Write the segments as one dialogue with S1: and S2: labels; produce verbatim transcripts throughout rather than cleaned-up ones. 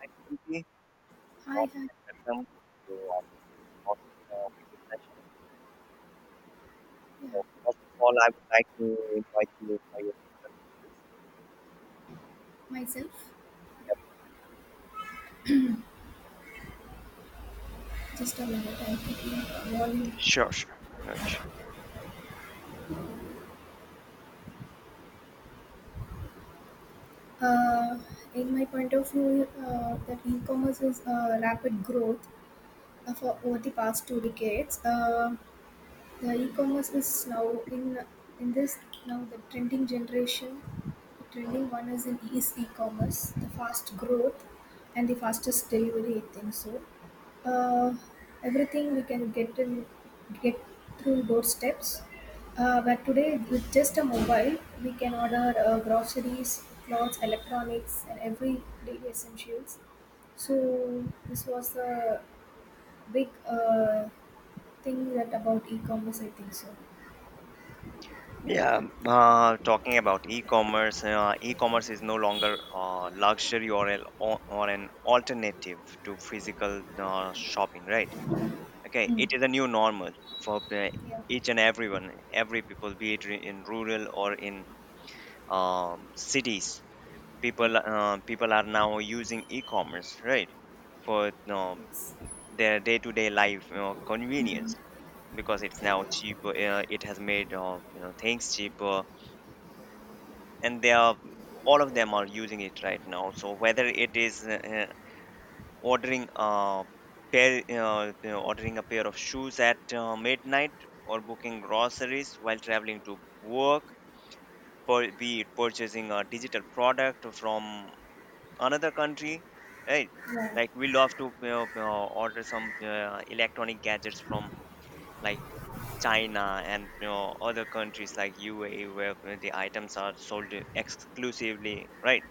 S1: Hi, Suganti.
S2: I
S1: Morning
S2: had,
S1: and welcome to our first uh, video session.
S2: yeah,
S1: So, first of all, I would like to invite you for your introduction, please.
S2: myself.
S1: Yep.
S2: Just a minute, I'm putting the volume.
S1: Sure, no.
S2: Uh, in my point of view, uh, that e-commerce is uh, rapid growth uh, for over the past two decades. Uh, Yeah, e-commerce is now in in this now the trending generation. The trending one is in is e-commerce, the fast growth and the fastest delivery. I think so. Uh, Everything we can get in get through doorsteps. Uh, but today with just a mobile, we can order uh, groceries, clothes, electronics, and every daily essentials. So this was a big uh, thing that about e-commerce. I think so.
S1: Yeah, uh, talking about e-commerce, uh, e-commerce is no longer a luxury or an or an alternative to physical uh, shopping, right? Okay,
S2: Mm.
S1: it is a new normal for the-
S2: Yeah.
S1: each and everyone, every people, be it re- in rural or in um, cities.
S2: Yeah.
S1: people uh, people are now using e-commerce, right, for um,
S2: It's.
S1: their day-to-day life, you know, convenience, because it's now cheaper. Uh, it has made, uh, you know, things cheaper, and they are all of them are using it right now. So whether it is uh, uh, ordering a pair uh, you know, ordering a pair of shoes at uh, midnight, or booking groceries while traveling to work, pur- be it purchasing a digital product from another country, right?
S2: Yeah. Yeah.
S1: Like, we love to, you know, you know, order some uh, electronic gadgets from like China and, you know, other countries like U A E, where uh, the items are sold exclusively, right?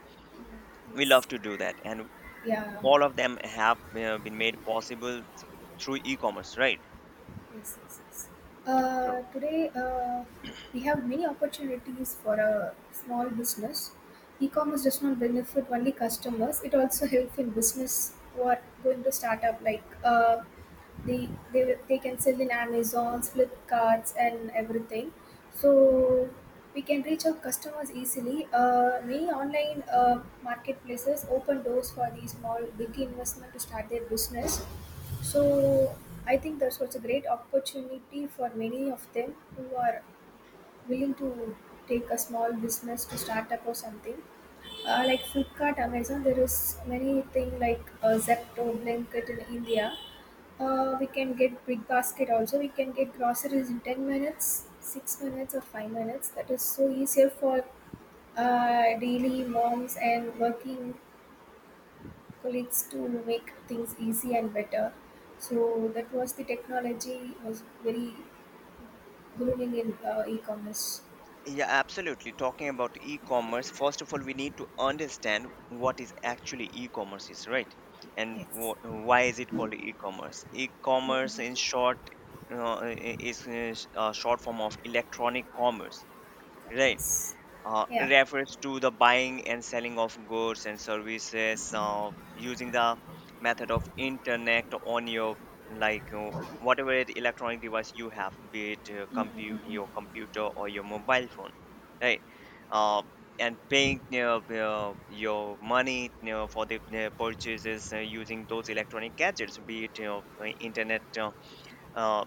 S1: We love
S2: It's.
S1: to do that, and
S2: Yeah.
S1: all of them have, you know, been made possible th- through e-commerce, right?
S2: Yes, yes, yes.
S1: So
S2: Uh, today, uh, we have many opportunities for a small business. E-commerce does not benefit only customers; it also helps in business who are going to start up. Like uh, they they they can sell in Amazon, Flipkarts, and everything. So we can reach out customers easily. Uh, many online uh, marketplaces open doors for these small big investment to start their business. So I think that's also a great opportunity for many of them who are willing to take a small business to start up or something. Uh, like Flipkart, Amazon, there is many thing like uh, Zepto, Blinkit in India. Uh, we can get big basket also. We can get groceries in ten minutes, six minutes or five minutes. That is so easier for uh, daily moms and working colleagues to make things easy and better. So that was the technology was very booming in uh, e-commerce.
S1: yeah, absolutely. Talking about e-commerce, first of all, we need to understand what is actually e-commerce is, right? And wh
S2: Yes.
S1: why is it called e-commerce? E-commerce,
S2: Mm,
S1: in short, uh, i- is uh, sh- a short form of electronic commerce, right?
S2: yes.
S1: Uh,
S2: Yeah.
S1: refers to the buying and selling of goods and services uh, using the method of internet on your like uh, whatever it electronic device you have, be it uh, compute your computer or your mobile phone, right. uh, and paying, you know, uh, your money, you know, for the uh, purchases uh, using those electronic gadgets, be it, you know, uh, internet uh, uh,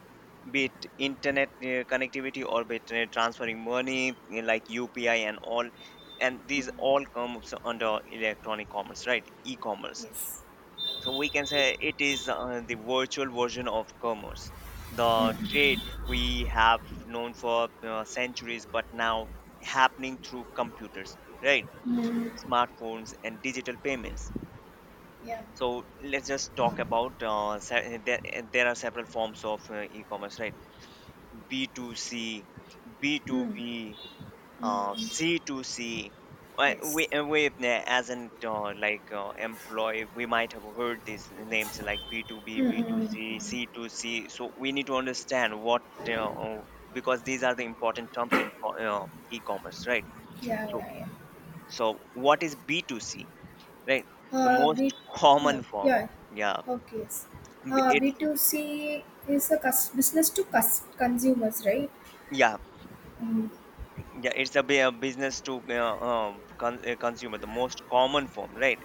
S1: be it internet uh, connectivity, or be it uh, transferring money you like U P I and all. And these all comes under electronic commerce, right? E-commerce.
S2: Yes.
S1: So we can say it is uh, the virtual version of commerce, the trade we have known for uh, centuries, but now happening through computers, right?
S2: Mm,
S1: Smartphones and digital payments.
S2: yeah.
S1: So let's just talk about uh, se- there, there are several forms of uh, e-commerce, right? B to cb to
S2: Mm.
S1: B, uh,
S2: Mm,
S1: C two C. Wi- wi-
S2: yes.
S1: uh, Wait, na- as an uh, like uh, employee, we might have heard these names like B to B, B to C,
S2: Mm,
S1: C to C. So we need to understand what uh, uh, because these are the important terms in co- uh, e-commerce, right?
S2: yeah.
S1: So
S2: Yeah. Yeah.
S1: so what is B to B two C, right? The
S2: Uh,
S1: most
S2: B. Yeah.
S1: common form.
S2: Yeah.
S1: Yeah,
S2: Okay. Yes.
S1: B-
S2: Uh,
S1: it's
S2: B two C is a cus- business to cus- consumers, right?
S1: yeah
S2: Mm.
S1: yeah it's a bu- uh, business to uh, um, con- uh, consumer, the most common form, right?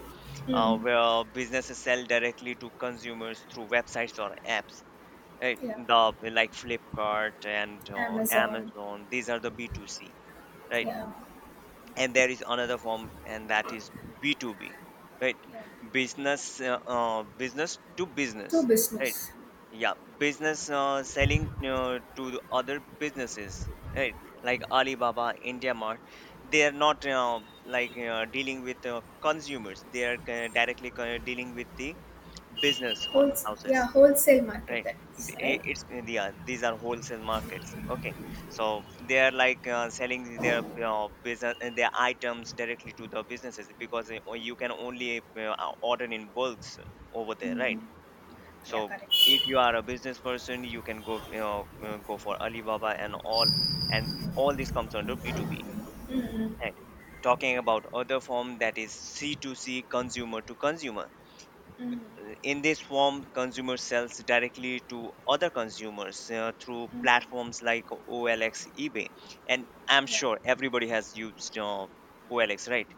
S1: uh,
S2: Mm,
S1: Where businesses sell directly to consumers through websites or apps. Right,
S2: yeah.
S1: the like Flipkart and uh,
S2: Amazon.
S1: Amazon. These are the B two C, right?
S2: Yeah.
S1: And there is another form, and that is B two B, right?
S2: Yeah.
S1: Business, uh, uh, business to
S2: To
S1: business, right?
S2: business.
S1: Yeah, business uh, selling uh, to the other businesses, right? Like Alibaba, IndiaMart. They are not uh, like uh, dealing with uh, consumers. They are uh, directly uh, dealing with the business ho-
S2: Wholes- yeah,
S1: houses,
S2: wholesale market
S1: right.
S2: that is,
S1: The- eh,
S2: right?
S1: it's yeah, these are wholesale markets, okay. So they are like uh, selling their uh, business and their items directly to the businesses because eh, o- you can only uh, order in bulks over there, right.
S2: Mm. Yeah,
S1: So
S2: correct.
S1: if you are a business person, you can go, you know, uh, go for Alibaba and all, and all this comes under B two B.
S2: Mm,
S1: And talking about other form, that is C two C, consumer to consumer.
S2: mm,
S1: In this form, consumers sells directly to other consumers uh, through
S2: mm,
S1: platforms like OLX, eBay, and I'm
S2: yeah,
S1: sure everybody has used uh, OLX, right.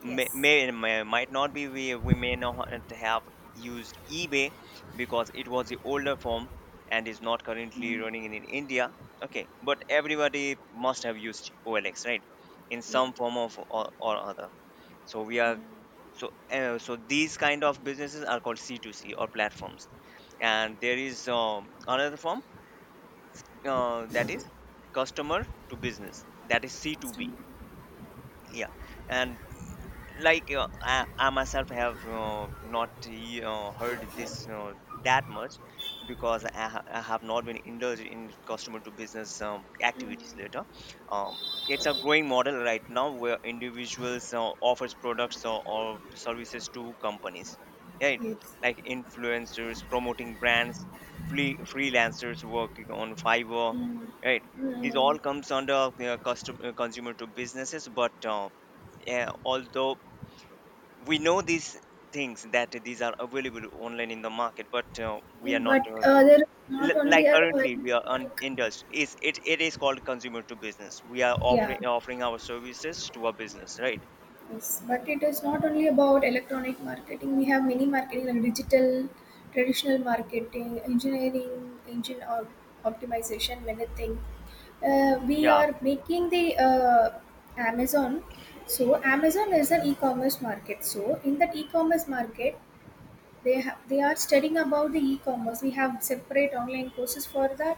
S1: may,
S2: yes.
S1: may, may Might not be, we, we may not have used eBay because it was the older form and is not currently
S2: Mm,
S1: running in, in India. Okay, but everybody must have used OLX, right, in
S2: yeah,
S1: some form of or, or other. So we are,
S2: mm,
S1: so uh, so these kind of businesses are called C two C or platforms. And there is um, another form, uh, that is customer to business, that is
S2: customer.
S1: C two B. Yeah, and like uh, I, I myself have uh, not uh, heard this uh, that much because I, ha- I have not been indulged in customer to business um, activities later. um, it's a growing model right now, where individuals uh, offers products or, or services to companies, right.
S2: Yes.
S1: Like influencers promoting brands, free freelancers working on Fiverr,
S2: Mm,
S1: right. These
S2: mm,
S1: all comes under uh, custom, uh, consumer to businesses, but uh, yeah, although we know these things, that these are available online in the market, but uh, we are
S2: yeah,
S1: not
S2: but
S1: uh,
S2: uh, there is not
S1: l-
S2: only
S1: like
S2: a
S1: currently we are un-
S2: electronic.
S1: indulged, is it, it is called consumer to business. We are
S2: Yeah.
S1: offering offering our services to a business, right.
S2: Yes, but it is not only about electronic marketing. We have many marketing like digital, traditional marketing, engineering, engine op- optimization, many things. Uh, we
S1: Yeah,
S2: are making the uh, Amazon. So Amazon is an e-commerce market. So in that e-commerce market, they have they are studying about the e-commerce. We have separate online courses for that.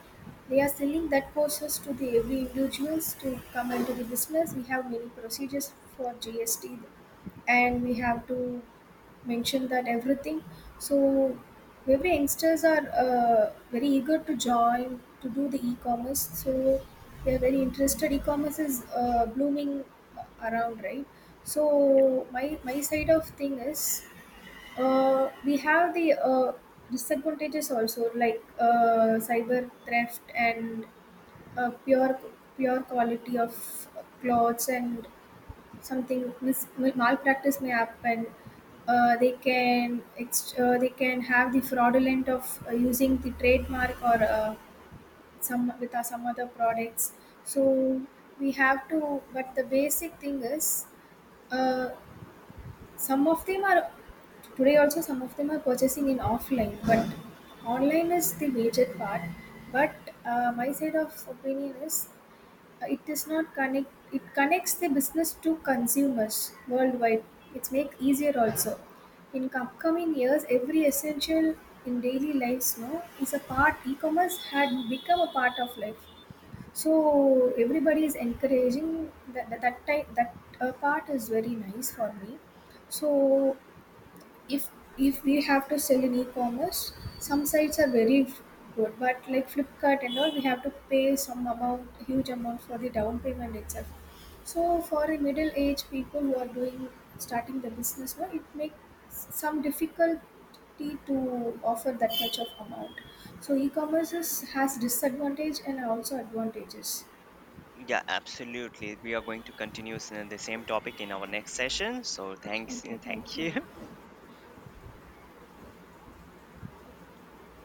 S2: They are selling that courses to the every individuals to come into the business. We have many procedures for G S T and we have to mention that everything. So every youngsters are uh, very eager to join to do the e-commerce. So they are very interested. E-commerce is uh, blooming around, right? So my my side of thing is uh, we have the uh, disadvantages also like uh, cyber theft and uh, pure pure quality of clothes and something mis- malpractice may happen. Uh, they can ex- uh, they can have the fraudulent of uh, using the trademark or uh, some with uh, some other products. So we have to. But the basic thing is, uh, some of them are today also. Some of them are purchasing in offline, but online is the major part. But uh, my side of opinion is it is not connect it connects the business to consumers worldwide. It's make easier also. In upcoming years every essential in daily lives no is a part. E-commerce had become a part of life, so everybody is encouraging that that that, type, that uh, part is very nice for me. So if if we have to sell in e-commerce, some sites are very good, but like Flipkart and all we have to pay some amount, huge amount for the down payment itself. So for a middle aged people who are doing starting the business now, it makes some difficulty to offer that much of amount. So e-commerce is, has disadvantage and also advantages.
S1: yeah, absolutely. We are going to continue s- the same topic in our next session. So
S2: So,
S1: thanks,
S2: okay, thank
S1: thank you.
S2: you.